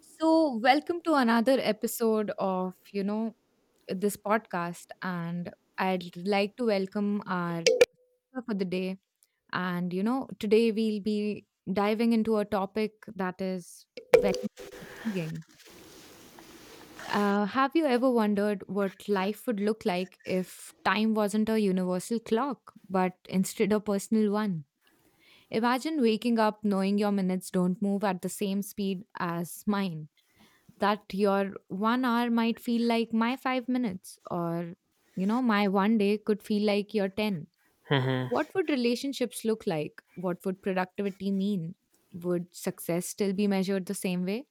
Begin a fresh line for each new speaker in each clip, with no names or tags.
So, welcome to another episode of, this podcast. And I'd like to welcome our speaker for the day. And, today we'll be diving into a topic that is very intriguing. Have you ever wondered what life would look like if time wasn't a universal clock, but instead a personal one? Imagine waking up knowing your minutes don't move at the same speed as mine, that your one hour might feel like my 5 minutes, or, my one day could feel like your 10.
Hmm.
What would relationships look like? What would productivity mean? Would success still be measured the same way?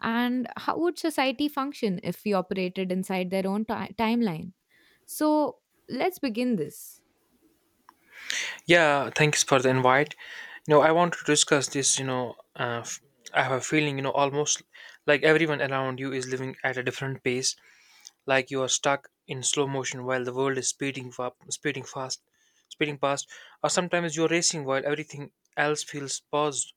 And how would society function if we operated inside their own timeline? So let's begin this.
Yeah, thanks for the invite. I want to discuss this. Uh, f- I have a feeling, almost like everyone around you is living at a different pace, like you are stuck in slow motion while the world is speeding up, speeding fast, speeding past, or sometimes you're racing while everything else feels paused.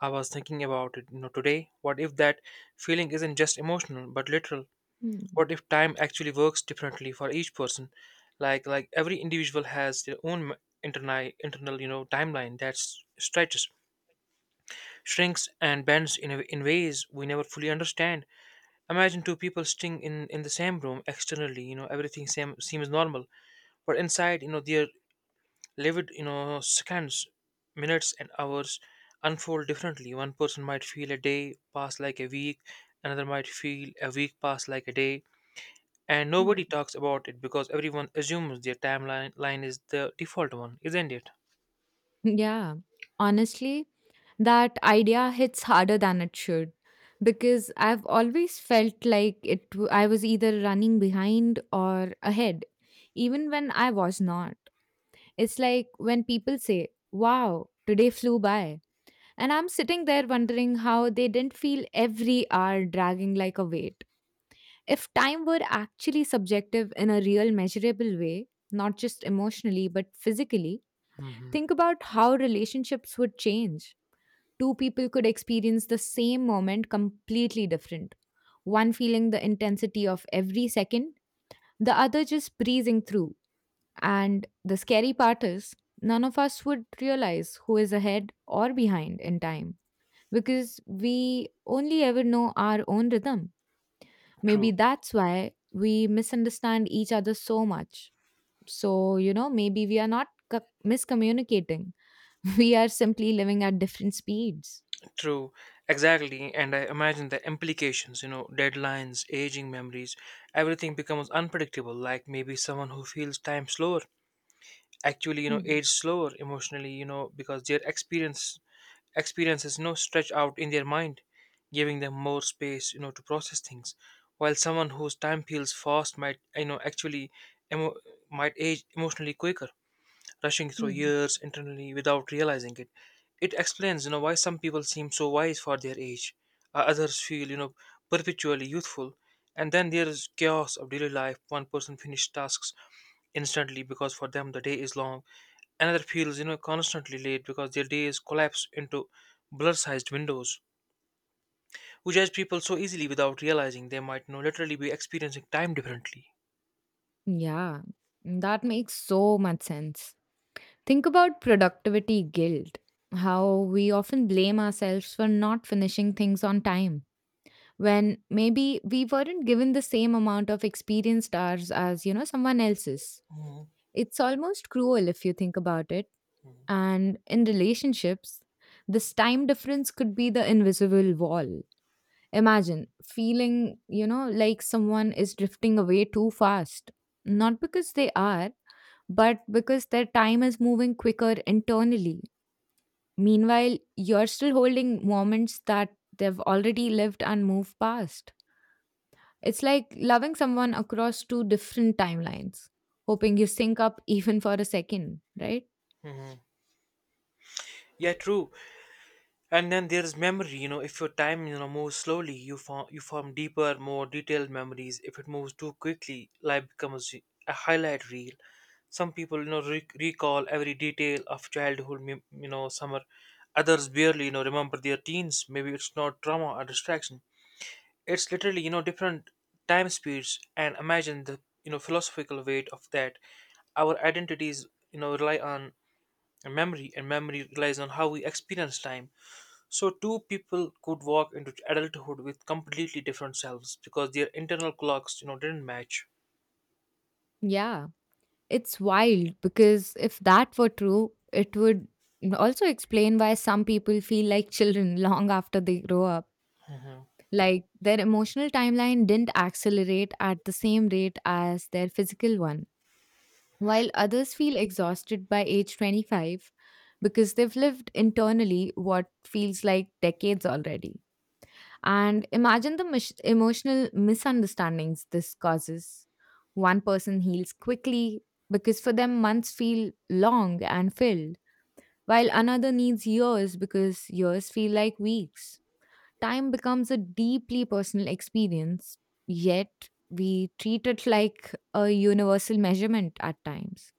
I was thinking about it, today. What if that feeling isn't just emotional but literal?
Hmm.
What if time actually works differently for each person, like every individual has their own internal timeline that stretches, shrinks and bends in, in ways we never fully understand. Imagine two people sitting in the same room, externally, everything same, seems normal, but inside, their livid, seconds, minutes and hours unfold differently. One person might feel a day pass like a week, another might feel a week pass like a day. And
Hmm.
nobody talks about it because everyone assumes their timeline line is the default one, isn't it?
Yeah. Honestly, that idea hits harder than it should because I've always felt like I was either running behind or ahead even when I was not. It's like when people say, "Wow, today flew by." And I'm sitting there wondering how they didn't feel every hour dragging like a weight. If time were actually subjective in a real measurable way, not just emotionally but physically,
Hmm.
think about how relationships would change. Two people could experience the same moment completely different, one feeling the intensity of every second, the other just breezing through. And the scary part is, none of us would realize who is ahead or behind in time because we only ever know our own rhythm.
True,
Maybe that's why we misunderstand each other so much. So, maybe we are not miscommunicating, we are simply living at different speeds.
true, exactly. And I imagine the implications, deadlines, aging memories, everything becomes unpredictable. Like maybe someone who feels time slower actually,
Hmm.
age slower emotionally, because their experiences stretch out in their mind, giving them more space to process things, while someone whose time feels fast might actually emo- might age emotionally quicker, rushing through
Hmm.
years internally without realizing it. It explains why some people seem so wise for their age. Others feel perpetually youthful. And then there is chaos of daily life. One person finishes tasks instantly because for them the day is long. Another feels, constantly late because their days collapse into blur-sized windows. We judge people so easily without realizing they might know literally be experiencing time differently.
Yeah, that makes so much sense. Think about productivity guilt, how we often blame ourselves for not finishing things on time when maybe we weren't given the same amount of experienced hours as, someone else's.
Mhm,
It's almost cruel if you think about it. And in relationships, this time difference could be the invisible wall. Imagine feeling, like someone is drifting away too fast. Not because they are, but because their time is moving quicker internally. Meanwhile, you're still holding moments that they've already lived and moved past. It's like loving someone across two different timelines, hoping you sync up even for a second, right?
mhm. Yeah, true. And then there's memory. If your time moves slowly, you form deeper, more detailed memories. If it moves too quickly, life becomes a highlight reel. Some people recall every detail of childhood. Summer. Others barely remember their teens. Maybe it's not trauma or distraction. It's literally, different time speeds. And imagine the, philosophical weight of that. Our identities, rely on memory, and memory relies on how we experience time. So two people could walk into adulthood with completely different selves because their internal clocks, didn't match.
Yeah. It's wild because if that were true, it would also explain why some people feel like children long after they grow up.
Mhm.
Like their emotional timeline didn't accelerate at the same rate as their physical one. While others feel exhausted by age 25 because they've lived internally what feels like decades already. And imagine the emotional misunderstandings this causes. One person heals quickly because for them, months feel long and filled, while another needs years because years feel like weeks. Time becomes a deeply personal experience, yet we treat it like a universal measurement at times.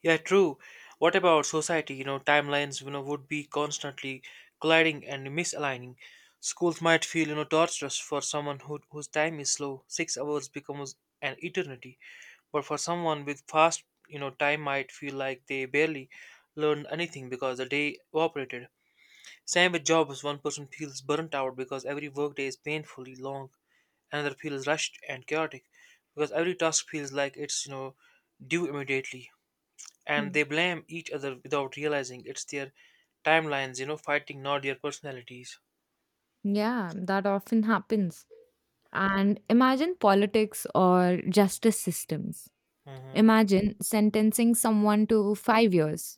Yeah, true. What about society? Timelines, would be constantly colliding and misaligning. Schools might feel, torturous for whose time is slow. 6 hours becomes an eternity. But for someone with fast, time might feel like they barely learned anything because the day evaporated. Same with jobs. One person feels burnt out because every workday is painfully long. Another feels rushed and chaotic because every task feels like it's, due immediately, and
Hmm.
they blame each other without realizing it's their timelines, fighting, not their personalities.
Yeah, that often happens. And imagine politics or justice systems.
Hmm.
Imagine sentencing someone to 5 years.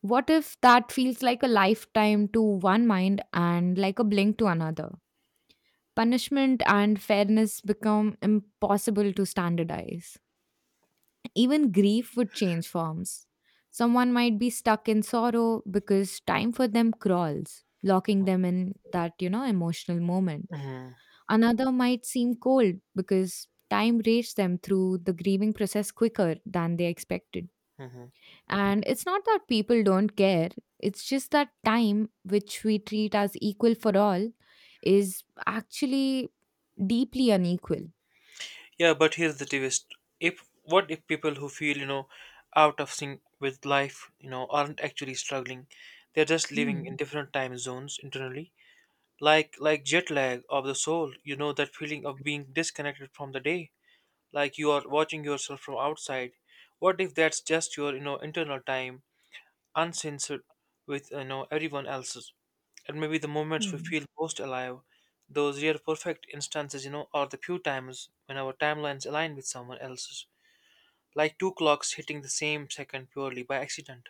What if that feels like a lifetime to one mind and like a blink to another? Punishment and fairness become impossible to standardize. Even grief would change forms. Someone might be stuck in sorrow because time for them crawls, locking them in that, emotional moment.
Hmm.
Another might seem cold because time raced them through the grieving process quicker than they expected.
Hmm.
And it's not that people don't care, it's just that time, which we treat as equal for all, is actually deeply unequal.
Yeah, but here's the twist: if what if people who feel out of sync with life, aren't actually struggling, they're just living in
Hmm.
different time zones internally, like jet lag of the soul. You know that feeling of being disconnected from the day, like you are watching yourself from outside. What if that's just your internal time? Uncensored with everyone else's. And maybe the moments we
Hmm.
feel most alive, those rare perfect instances, are the few times when our timelines align with someone else's, like two clocks hitting the same second purely by accident.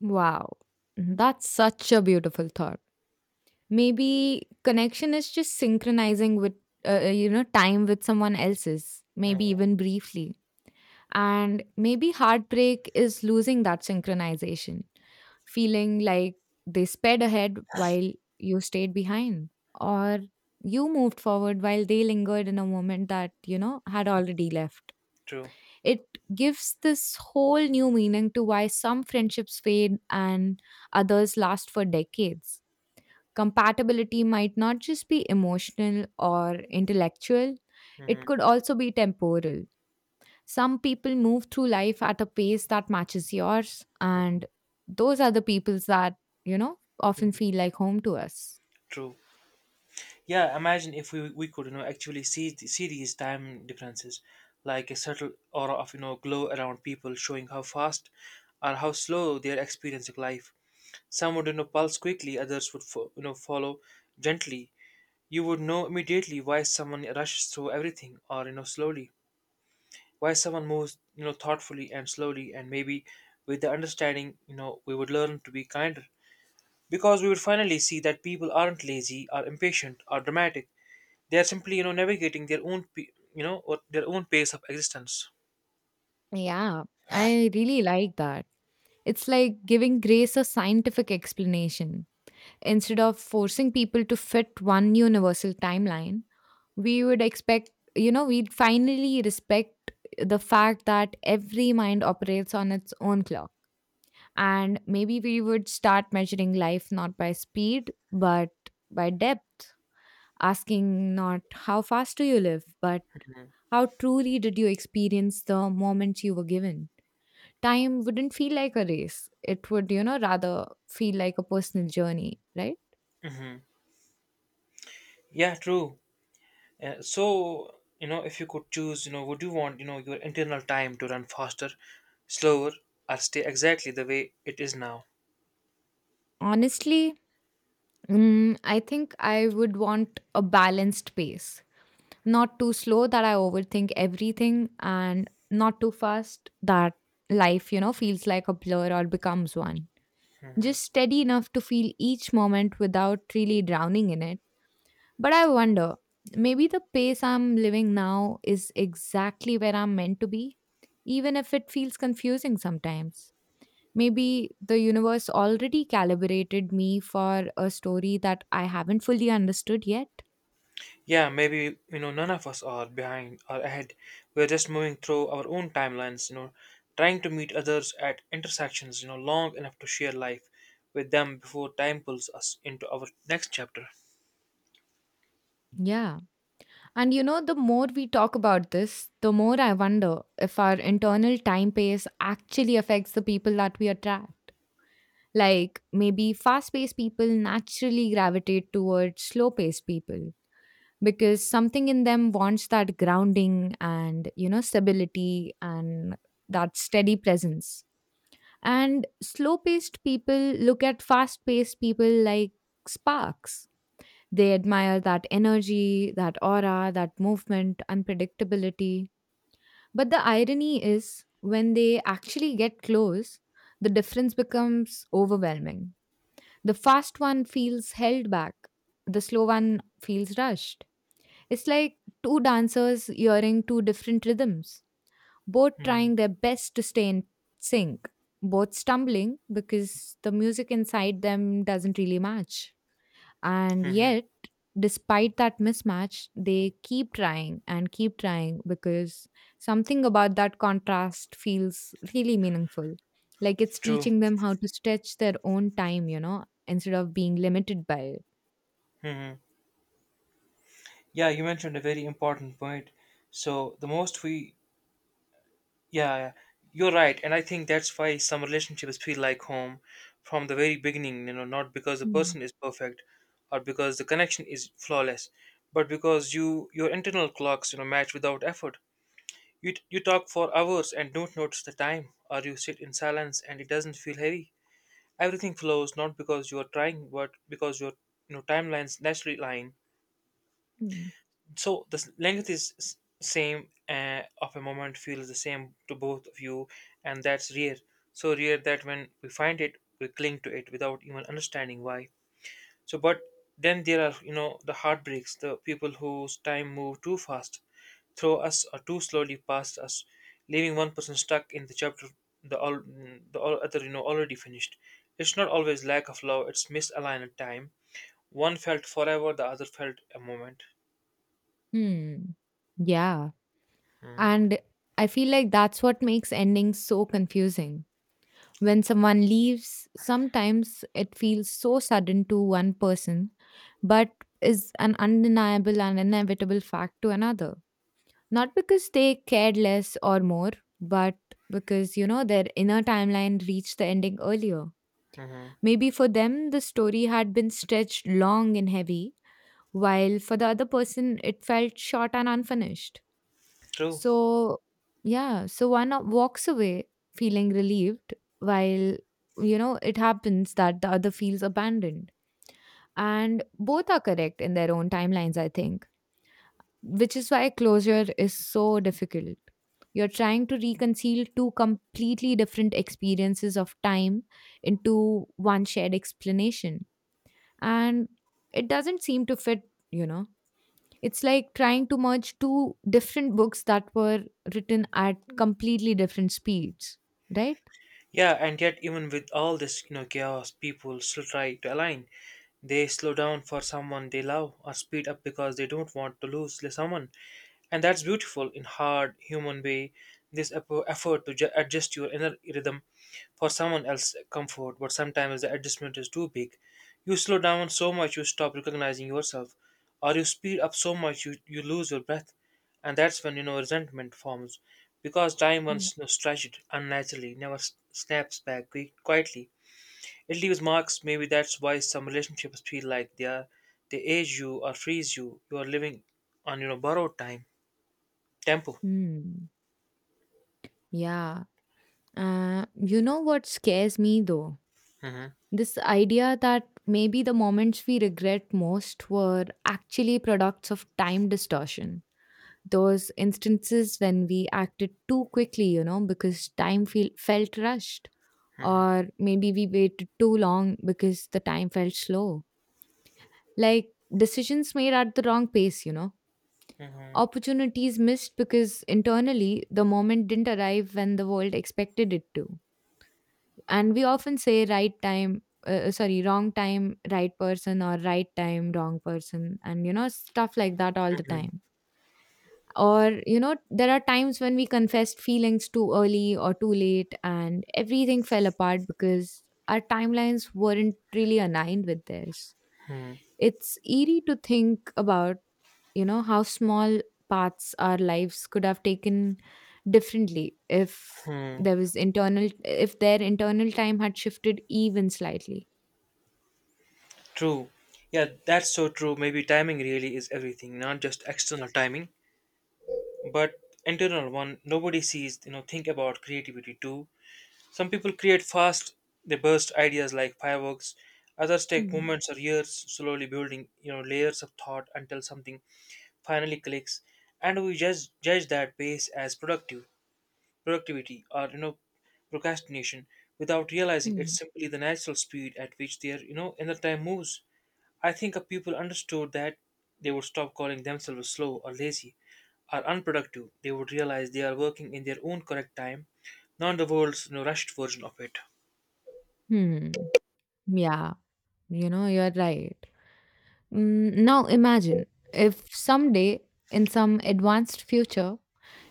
Wow. That's such a beautiful thought. Maybe connection is just synchronizing with, time with someone else's, maybe even briefly. And maybe heartbreak is losing that synchronization, feeling like they sped ahead while you stayed behind, or you moved forward while they lingered in a moment that, had already left.
True.
It gives this whole new meaning to why some friendships fade and others last for decades. Compatibility might not just be emotional or intellectual, it
Hmm.
could also be temporal. Some people move through life at a pace that matches yours, and those are the peoples that, often feel like home to us.
True. Yeah. Imagine if we could actually see see these time differences, like a subtle aura of glow around people, showing how fast or how slow they are experiencing life. Some would, pulse quickly, others would, follow gently. You would know immediately why someone rushes through everything or, slowly. Why someone moves, thoughtfully and slowly. And maybe with the understanding, we would learn to be kinder. Because we would finally see that people aren't lazy or impatient or dramatic. They are simply, navigating their own, or their own pace of existence.
Yeah, I really like that. It's like giving grace a scientific explanation. Instead of forcing people to fit one universal timeline, we would expect, we'd finally respect the fact that every mind operates on its own clock. And maybe we would start measuring life not by speed, but by depth, asking not how fast do you live, but how truly did you experience the moments you were given? Time wouldn't feel like a race. It would, rather feel like a personal journey, right?
Hmm. Yeah, true. So if you could choose, would you want, your internal time to run faster, slower, or stay exactly the way it is now?
Honestly, I think I would want a balanced pace. Not too slow that I overthink everything, and not too fast that life, feels like a blur or becomes one. Just steady enough to feel each moment without really drowning in it. But I wonder, maybe the pace I'm living now is exactly where I'm meant to be, even if it feels confusing sometimes. Maybe the universe already calibrated me for a story that I haven't fully understood yet.
Yeah, maybe, none of us are behind or ahead. We're just moving through our own timelines, trying to meet others at intersections, long enough to share life with them before time pulls us into our next chapter.
Yeah. And you know, the more we talk about this, the more I wonder if our internal time pace actually affects the people that we attract. Like maybe fast paced people naturally gravitate towards slow paced people because something in them wants that grounding and, stability and that steady presence. And slow paced people look at fast paced people like sparks. They admire that energy, that aura, that movement, unpredictability. But the irony is, when they actually get close, the difference becomes overwhelming. The fast one feels held back, the slow one feels rushed. It's like two dancers hearing two different rhythms, both
Mm-hmm.
trying their best to stay in sync, both stumbling because the music inside them doesn't really match. And
Mm-hmm.
yet, despite that mismatch, they keep trying and keep trying because something about that contrast feels really meaningful. Like it's
True.
teaching them how to stretch their own time, instead of being limited by it.
Hmm. Yeah, you mentioned a very important point. So, the most we. Yeah, yeah. You're right, and I think that's why some relationships feel like home from the very beginning. Not because the
Hmm.
person is perfect, or because the connection is flawless, but because your internal clocks match without effort. You talk for hours and don't notice the time, or you sit in silence and it doesn't feel heavy. Everything flows not because you are trying, but because your timelines naturally align.
Hmm.
So the length is same, of a moment feels the same to both of you, and that's rare, so rare that when we find it we cling to it without even understanding why. So, but then there are the heartbreaks, the people whose time move too fast throw us, or too slowly past us, leaving one person stuck in the chapter, the all the all other already finished. It's not always lack of love, it's misaligned time. One felt forever, the other felt a moment.
Hmm. Yeah. And I feel like that's what makes endings so confusing. When someone leaves, sometimes it feels so sudden to one person, but is an undeniable and inevitable fact to another. Not because they cared less or more, but because, their inner timeline reached the ending earlier.
Mm-hmm.
Maybe for them, the story had been stretched long and heavy, while for the other person, it felt short and unfinished.
True.
So, yeah, so walks away feeling relieved, while, it happens that the other feels abandoned. And both are correct in their own timelines, I think, which is why closure is so difficult. You're trying to reconcile two completely different experiences of time into one shared explanation. And it doesn't seem to fit, you know. It's like trying to merge two different books that were written at completely different speeds, right?
Yeah, and yet even with all this, chaos, people still try to align. They slow down for someone they love or speed up because they don't want to lose someone. And that's beautiful in hard human way. This effort to adjust your inner rhythm for someone else's comfort, but sometimes the adjustment is too big. You slow down so much you stop recognizing yourself, or you speed up so much you lose your breath, and that's when resentment forms. Because time,
Mm.
once stretched unnaturally, never snaps back quietly. It leaves marks. Maybe that's why some relationships feel like they age you or freeze you. You are living on borrowed time, tempo.
Hmm. Yeah. You know what scares me though?
Hmm.
This idea that maybe the moments we regret most were actually products of time distortion. Those instances when we acted too quickly, because felt rushed,
Hmm.
or maybe we waited too long because the time felt slow. Like decisions made at the wrong pace,
Hmm.
opportunities missed because internally the moment didn't arrive when the world expected it to. And we often say right time, sorry, wrong time, right person, or right time, wrong person, and you know, stuff like that all the time. Or, there are times when we confessed feelings too early or too late, and everything fell apart because our timelines weren't really aligned with theirs.
Hmm.
It's eerie to think about, you know, how small paths our lives could have taken differently if
Hmm.
there was internal if their internal time had shifted even slightly.
True. Yeah, that's so true. Maybe timing really is everything, not just external timing, but internal one. Nobody sees. Think about creativity too. Some people create fast, they burst ideas like fireworks. Others take
Hmm.
moments or years slowly building, layers of thought until something finally clicks. And we just judge that pace as productivity or procrastination, without realizing it's
Hmm.
simply the natural speed at which their inner time moves. I think if people understood that they would stop calling themselves slow or lazy or unproductive. They would realize they are working in their own correct time, not the world's rushed version of it.
Hmm. Hmm. Yeah, you know, you're right. Now imagine if someday in some advanced future,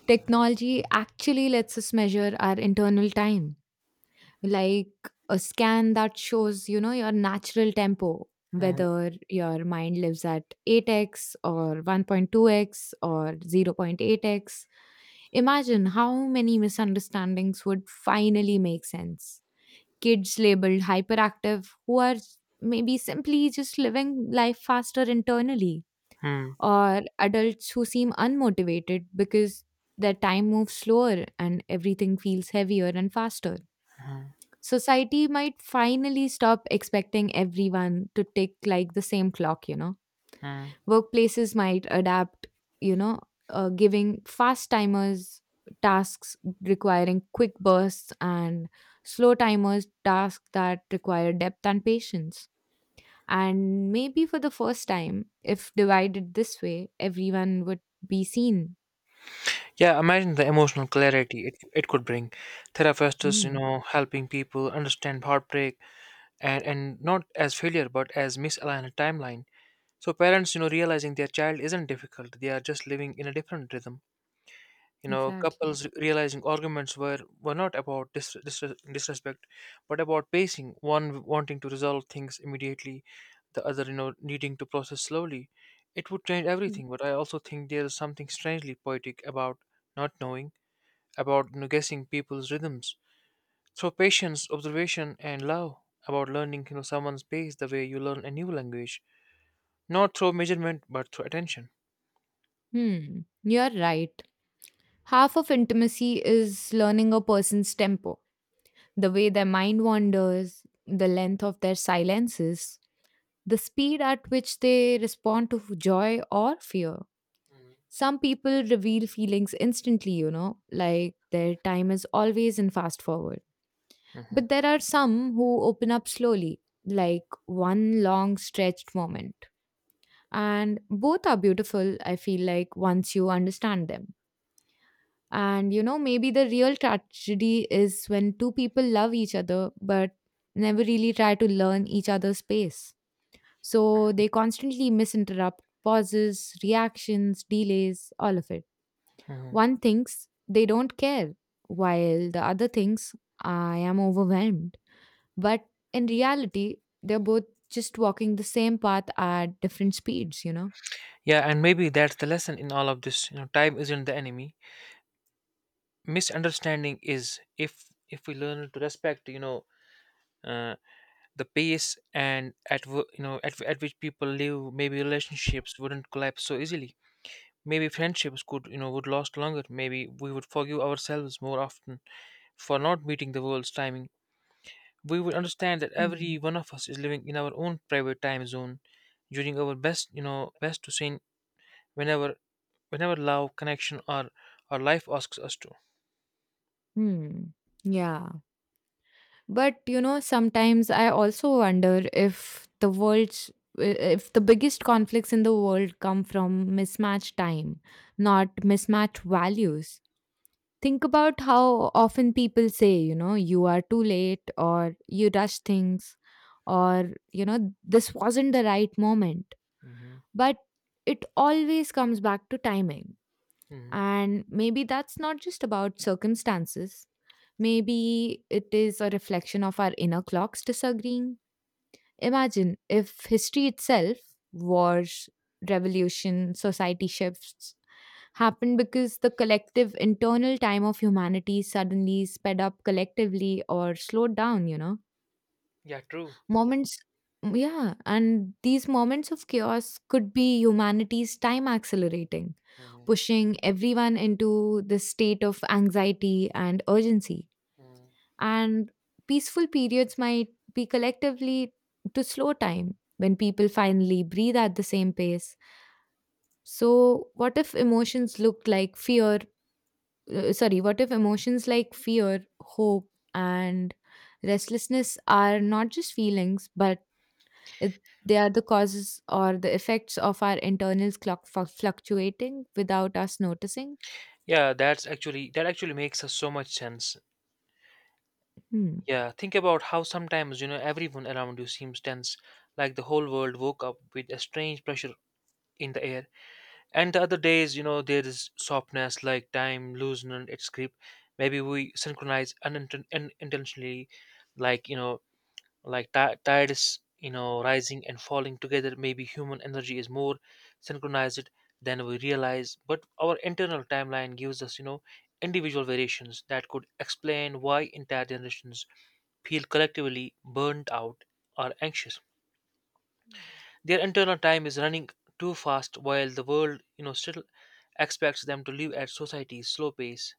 technology actually lets us measure our internal time, like a scan that shows, your natural tempo,
Mhm,
whether your mind lives at 8x or 1.2x or 0.8x. Imagine how many misunderstandings would finally make sense. Kids labeled hyperactive who are maybe simply just living life faster internally,
mhm,
or adults who seem unmotivated because their time moves slower and everything feels heavier and faster.
mhm,
Society might finally stop expecting everyone to tick like the same clock, you know.
mhm.
Workplaces might adapt, you know, giving fast timers tasks requiring quick bursts and slow timers tasks that require depth and patience, and maybe for the first time, if divided this way, everyone would be seen.
Yeah, imagine the emotional clarity it could bring. Therapists,
Mm,
helping people understand heartbreak, and not as failure but as misaligned timeline. So parents, realizing their child isn't difficult, they are just living in a different rhythm.
exactly.
Couples realizing arguments were not about disrespect, but about pacing, one wanting to resolve things immediately, the other, needing to process slowly. It would change
Hmm.
everything, but I also think there is something strangely poetic about not knowing, about guessing people's rhythms. Through patience, observation, and love, about learning, someone's pace the way you learn a new language, not through measurement, but through attention.
Hmm. You're right. Half of intimacy is learning a person's tempo, the way their mind wanders, the length of their silences, the speed at which they respond to joy or fear. Some people reveal feelings instantly, you know, like their time is always in fast forward.
Hmm.
But there are some who open up slowly, like one long stretched moment. And both are beautiful, I feel like, once you understand them. And you know, maybe the real tragedy is when two people love each other but never really try to learn each other's pace. So they constantly misinterrupt pauses, reactions, delays, all of it.
Hmm.
One thinks they don't care, while the other thinks I am overwhelmed. But in reality, they're both just walking the same path at different speeds, you know?
Yeah, and maybe that's the lesson in all of this. Time isn't the enemy. Misunderstanding is. If we learn to respect, uh, the pace and at at which people live, maybe relationships wouldn't collapse so easily. Maybe friendships could you know would last longer. Maybe we would forgive ourselves more often for not meeting the world's timing. We would understand that
Hmm.
every one of us is living in our own private time zone, during our best you know best to sing, whenever whenever love, connection, or life asks us to.
Hmm. Yeah. But, you know, sometimes I also wonder if the biggest conflicts in the world come from mismatched time, not mismatched values. Think about how often people say, you know, you are too late or you rush things or, you know, this wasn't the right moment.
Hmm.
But it always comes back to timing.
Hmm.
And maybe that's not just about circumstances. Maybe it is a reflection of our inner clocks disagreeing. Imagine if history itself, wars, revolution, society shifts, happened because the collective internal time of humanity suddenly sped up collectively or slowed down, you know?
Yeah, true.
Moments, yeah, and these moments of chaos could be humanity's time accelerating,
hmm
pushing everyone into this state of anxiety and urgency.
hmm
And peaceful periods might be collectively to slow time when people finally breathe at the same pace. So, what if emotions look like fear? Sorry, what if emotions like fear, hope, and restlessness are not just feelings but it, they are the causes or the effects of our internal clock fluctuating without us noticing.
Yeah, that actually makes us so much sense.
Hmm.
Yeah, think about how sometimes you know everyone around you seems tense, like the whole world woke up with a strange pressure in the air. And the other days, you know, there is softness, like time loosening its grip. Maybe we synchronize unintentionally, like you know, like ti tides you know rising and falling together. Maybe human energy is more synchronized than we realize, but our internal timeline gives us you know individual variations that could explain why entire generations feel collectively burnt out or anxious. Their internal time is running too fast while the world you know still expects them to live at society's slow pace.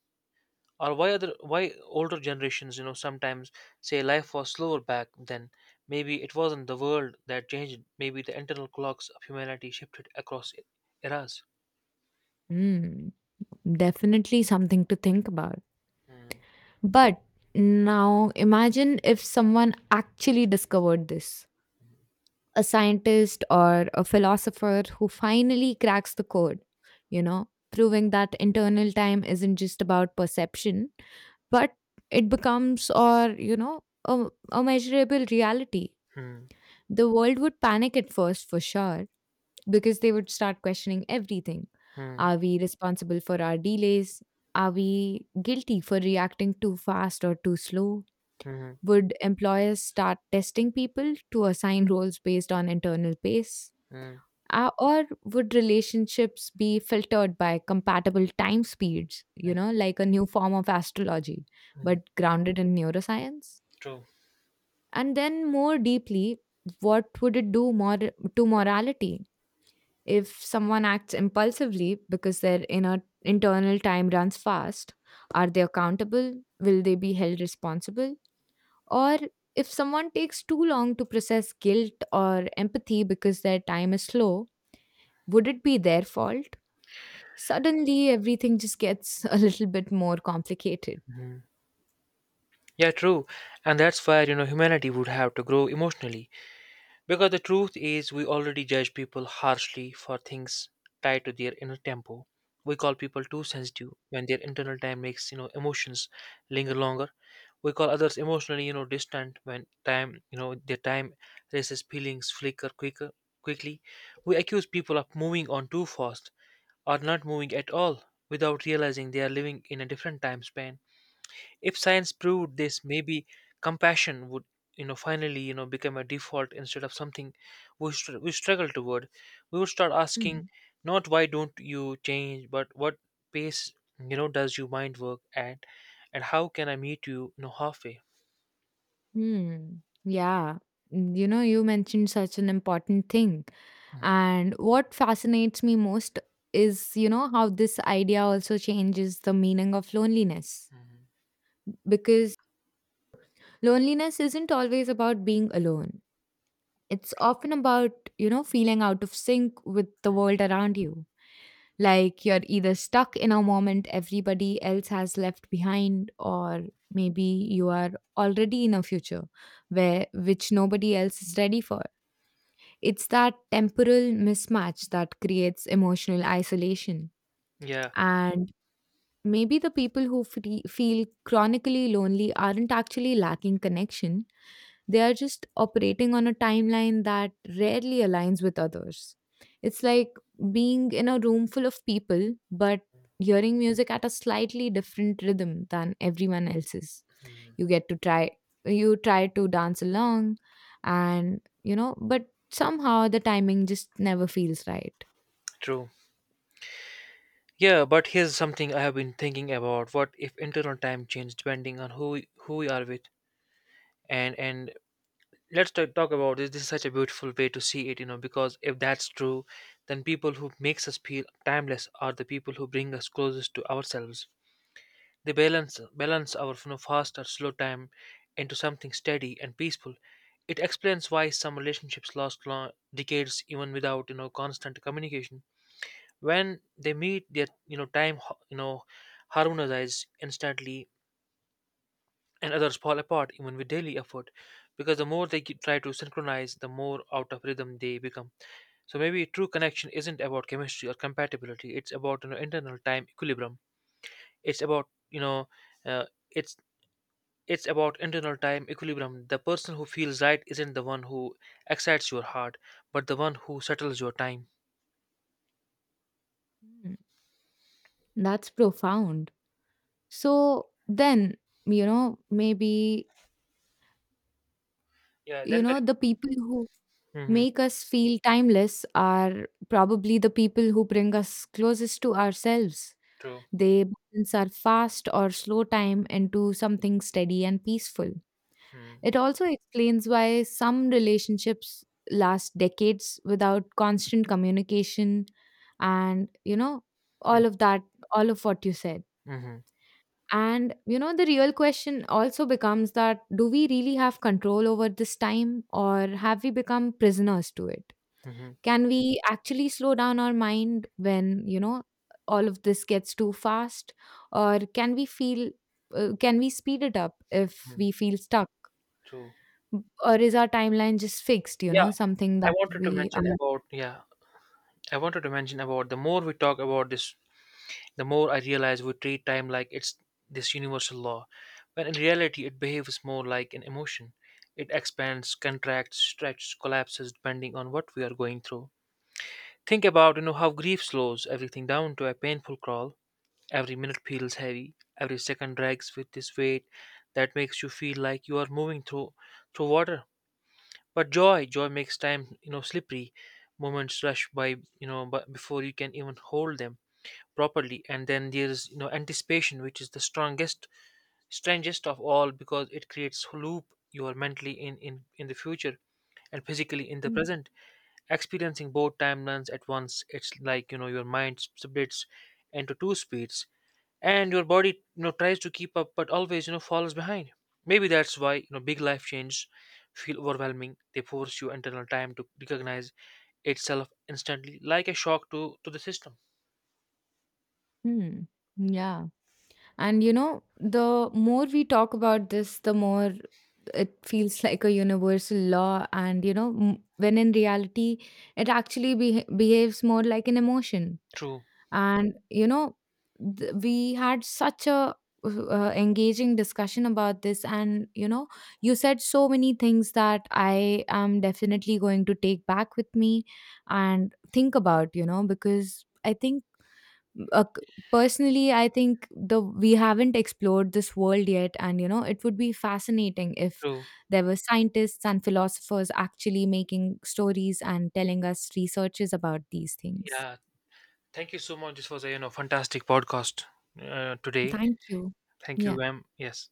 Or why older generations you know sometimes say life was slower back then. Maybe it wasn't the world that changed, maybe the internal clocks of humanity shifted across eras.
Hmm. Definitely something to think about.
Hmm.
But now imagine if someone actually discovered this, a scientist or a philosopher who finally cracks the code, you know, proving that internal time isn't just about perception, but it becomes, or, you know, a measurable reality.
hmm
The world would panic at first, for sure, because they would start questioning everything.
hmm
Are we responsible for our delays? Are we guilty for reacting too fast or too slow?
hmm
Would employers start testing people to assign roles based on internal pace?
hmm
Or would relationships be filtered by compatible time speeds, you know, like a new form of astrology,
hmm
but grounded in neuroscience?
True.
And then, more deeply, what would it do more to morality? If someone acts impulsively because their inner internal time runs fast, are they accountable? Will they be held responsible? Or if someone takes too long to process guilt or empathy because their time is slow, would it be their fault? Suddenly, everything just gets a little bit more complicated.
Mhm. Yeah, true. And that's where, you know, humanity would have to grow emotionally. Because the truth is, we already judge people harshly for things tied to their inner tempo. We call people too sensitive when their internal time makes, you know, emotions linger longer. We call others emotionally you know distant when time you know their time raises feelings flicker quicker quickly. We accuse people of moving on too fast or not moving at all without realizing they are living in a different time span. If science proved this, maybe compassion would you know finally you know become a default instead of something we struggle toward. We would start asking
Hmm.
not why don't you change, but what pace you know does your mind work at, and how can I meet you, you know halfway.
Hmm. Yeah. You know, you mentioned such an important thing. And what fascinates me most is, you know, how this idea also changes the meaning of loneliness. Because loneliness isn't always about being alone, it's often about, you know, feeling out of sync with the world around you. Like you're either stuck in a moment everybody else has left behind, or maybe you are already in a future where which nobody else is ready for. It's that temporal mismatch that creates emotional isolation.
Yeah,
And maybe the people who feel chronically lonely aren't actually lacking connection, they are just operating on a timeline that rarely aligns with others. It's like being in a room full of people, but hearing music at a slightly different rhythm than everyone else's. You get to try, you try to dance along, and you know, but somehow the timing just never feels right.
true. Yeah, but here's something I have been thinking about. What if internal time change depending on who we are with? And let's talk about this. This is such a beautiful way to see it, you know, because if that's true, then people who makes us feel timeless are the people who bring us closest to ourselves. They balance our you know fast or slow time into something steady and peaceful. It explains why some relationships last long decades even without you know constant communication. When they meet their you know time harmonizes instantly, and others fall apart even with daily effort, because the more they try to synchronize, the more out of rhythm they become. So maybe true connection isn't about chemistry or compatibility, it's about you know internal time equilibrium. It's about you know, uh, it's it's about internal time equilibrium. The person who feels right isn't the one who excites your heart, but the one who settles your time.
Hmm. That's profound. So then, you know, maybe,
yeah
you
then the,
know, the people who
hmm.
make us feel timeless are probably the people who bring us closest to ourselves.
True.
They balance our fast or slow time into something steady and peaceful.
Mm-hmm.
It also explains why some relationships last decades without constant communication and, you know, all of that, all of what you said.
Mm-hmm.
And you know, the real question also becomes that do we really have control over this time or have we become prisoners to it?
Mm-hmm.
Can we actually slow down our mind when, you know, all of this gets too fast? Or can we feel, can we speed it up if we feel stuck?
True.
Or is our timeline just fixed, you
Yeah,
know, something
I
that
wanted to
we are.
mention about, the more we talk about this, the more I realize we treat time like it's this universal law, when in reality it behaves more like an emotion. It expands, contracts, stretches, collapses depending on what we are going through. Think about you know how grief slows everything down to a painful crawl. Every minute feels heavy, every second drags with this weight that makes you feel like you are moving through water. But joy makes time, you know, slippery. Moments rush by, you know, but before you can even hold them properly. And then there's, you know, anticipation, which is the strangest of all, because it creates loop. You are mentally in the future and physically in the
Mm.
present, experiencing both timelines at once. It's like you know your mind splits into two speeds, and your body you know tries to keep up but always you know falls behind. Maybe that's why you know big life changes feel overwhelming. They force you internal time to recognize itself instantly, like a shock to the system.
Hmm. Yeah. And you know, the more we talk about this, the more it feels like a universal law. And you know, when in reality, it actually behaves more like an emotion.
true
And you know, we had such a engaging discussion about this, and you know, you said so many things that I am definitely going to take back with me and think about, you know, because I think, uh, c- personally, I think the we haven't explored this world yet, and you know, it would be fascinating if
True.
there were scientists and philosophers actually making stories and telling us researches about these things.
Yeah, thank you so much, this was a you know fantastic podcast, today.
Thank you.
Thank you,
Yeah.
ma'am, yes.